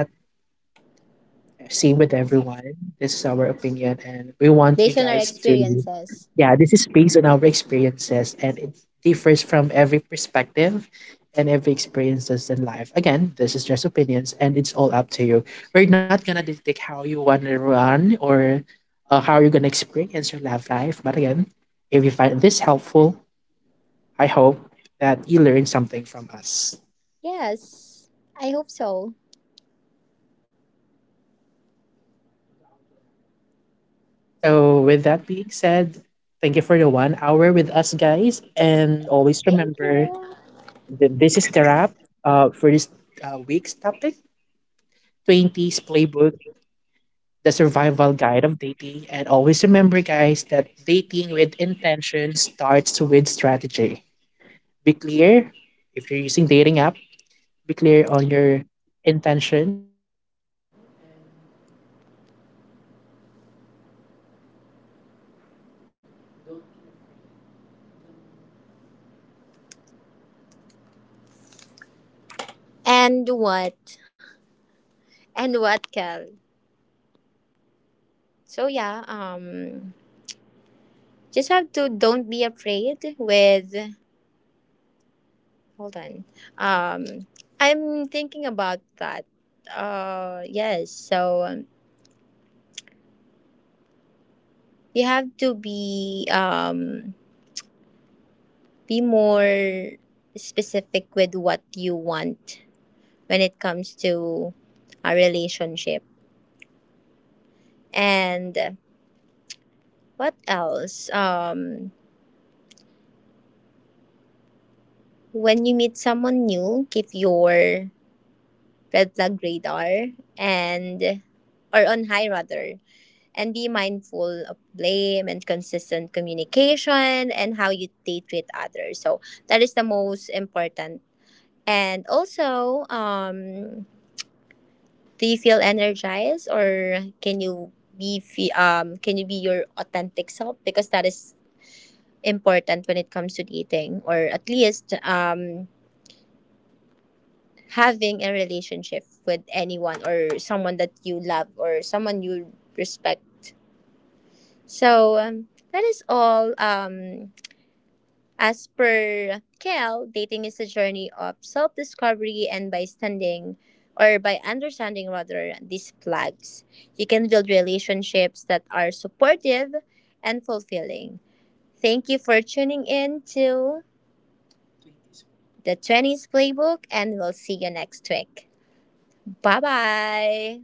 same with everyone. This is our opinion, and we want Based you on our guys to, experiences. yeah, this is based on our experiences, and it differs from every perspective and every experiences in life. Again, this is just opinions, and it's all up to you. We're not gonna dictate how you wanna run or uh, how you're gonna experience your love life. But again, if you find this helpful, I hope that you learn something from us. Yes, I hope so. So, with that being said, thank you for the one hour with us, guys. And always Thank remember you. that this is the wrap uh, for this uh, week's topic, twenties Playbook, the survival guide of dating. And always remember, guys, that dating with intention starts with strategy. And what? And what, Cal? So yeah, um, just have to don't be afraid with. Hold on, um, I'm thinking about that. Uh, yes. So um, you have to be, um be more specific with what you want when it comes to a relationship. And what else? Um, when you meet someone new, keep your red flag radar and, or on high rather, and be mindful of blame and consistent communication and how you they treat others. So that is the most important. And also, um do you feel energized or can you be fe- um can you be your authentic self, because that is important when it comes to dating, or at least, um having a relationship with anyone or someone that you love or someone you respect. So um, that is all. Um, as per Kel, dating is a journey of self discovery, and by standing or by understanding rather these flags, you can build relationships that are supportive and fulfilling. Thank you for tuning in to the twenties Playbook, and we'll see you next week. Bye bye.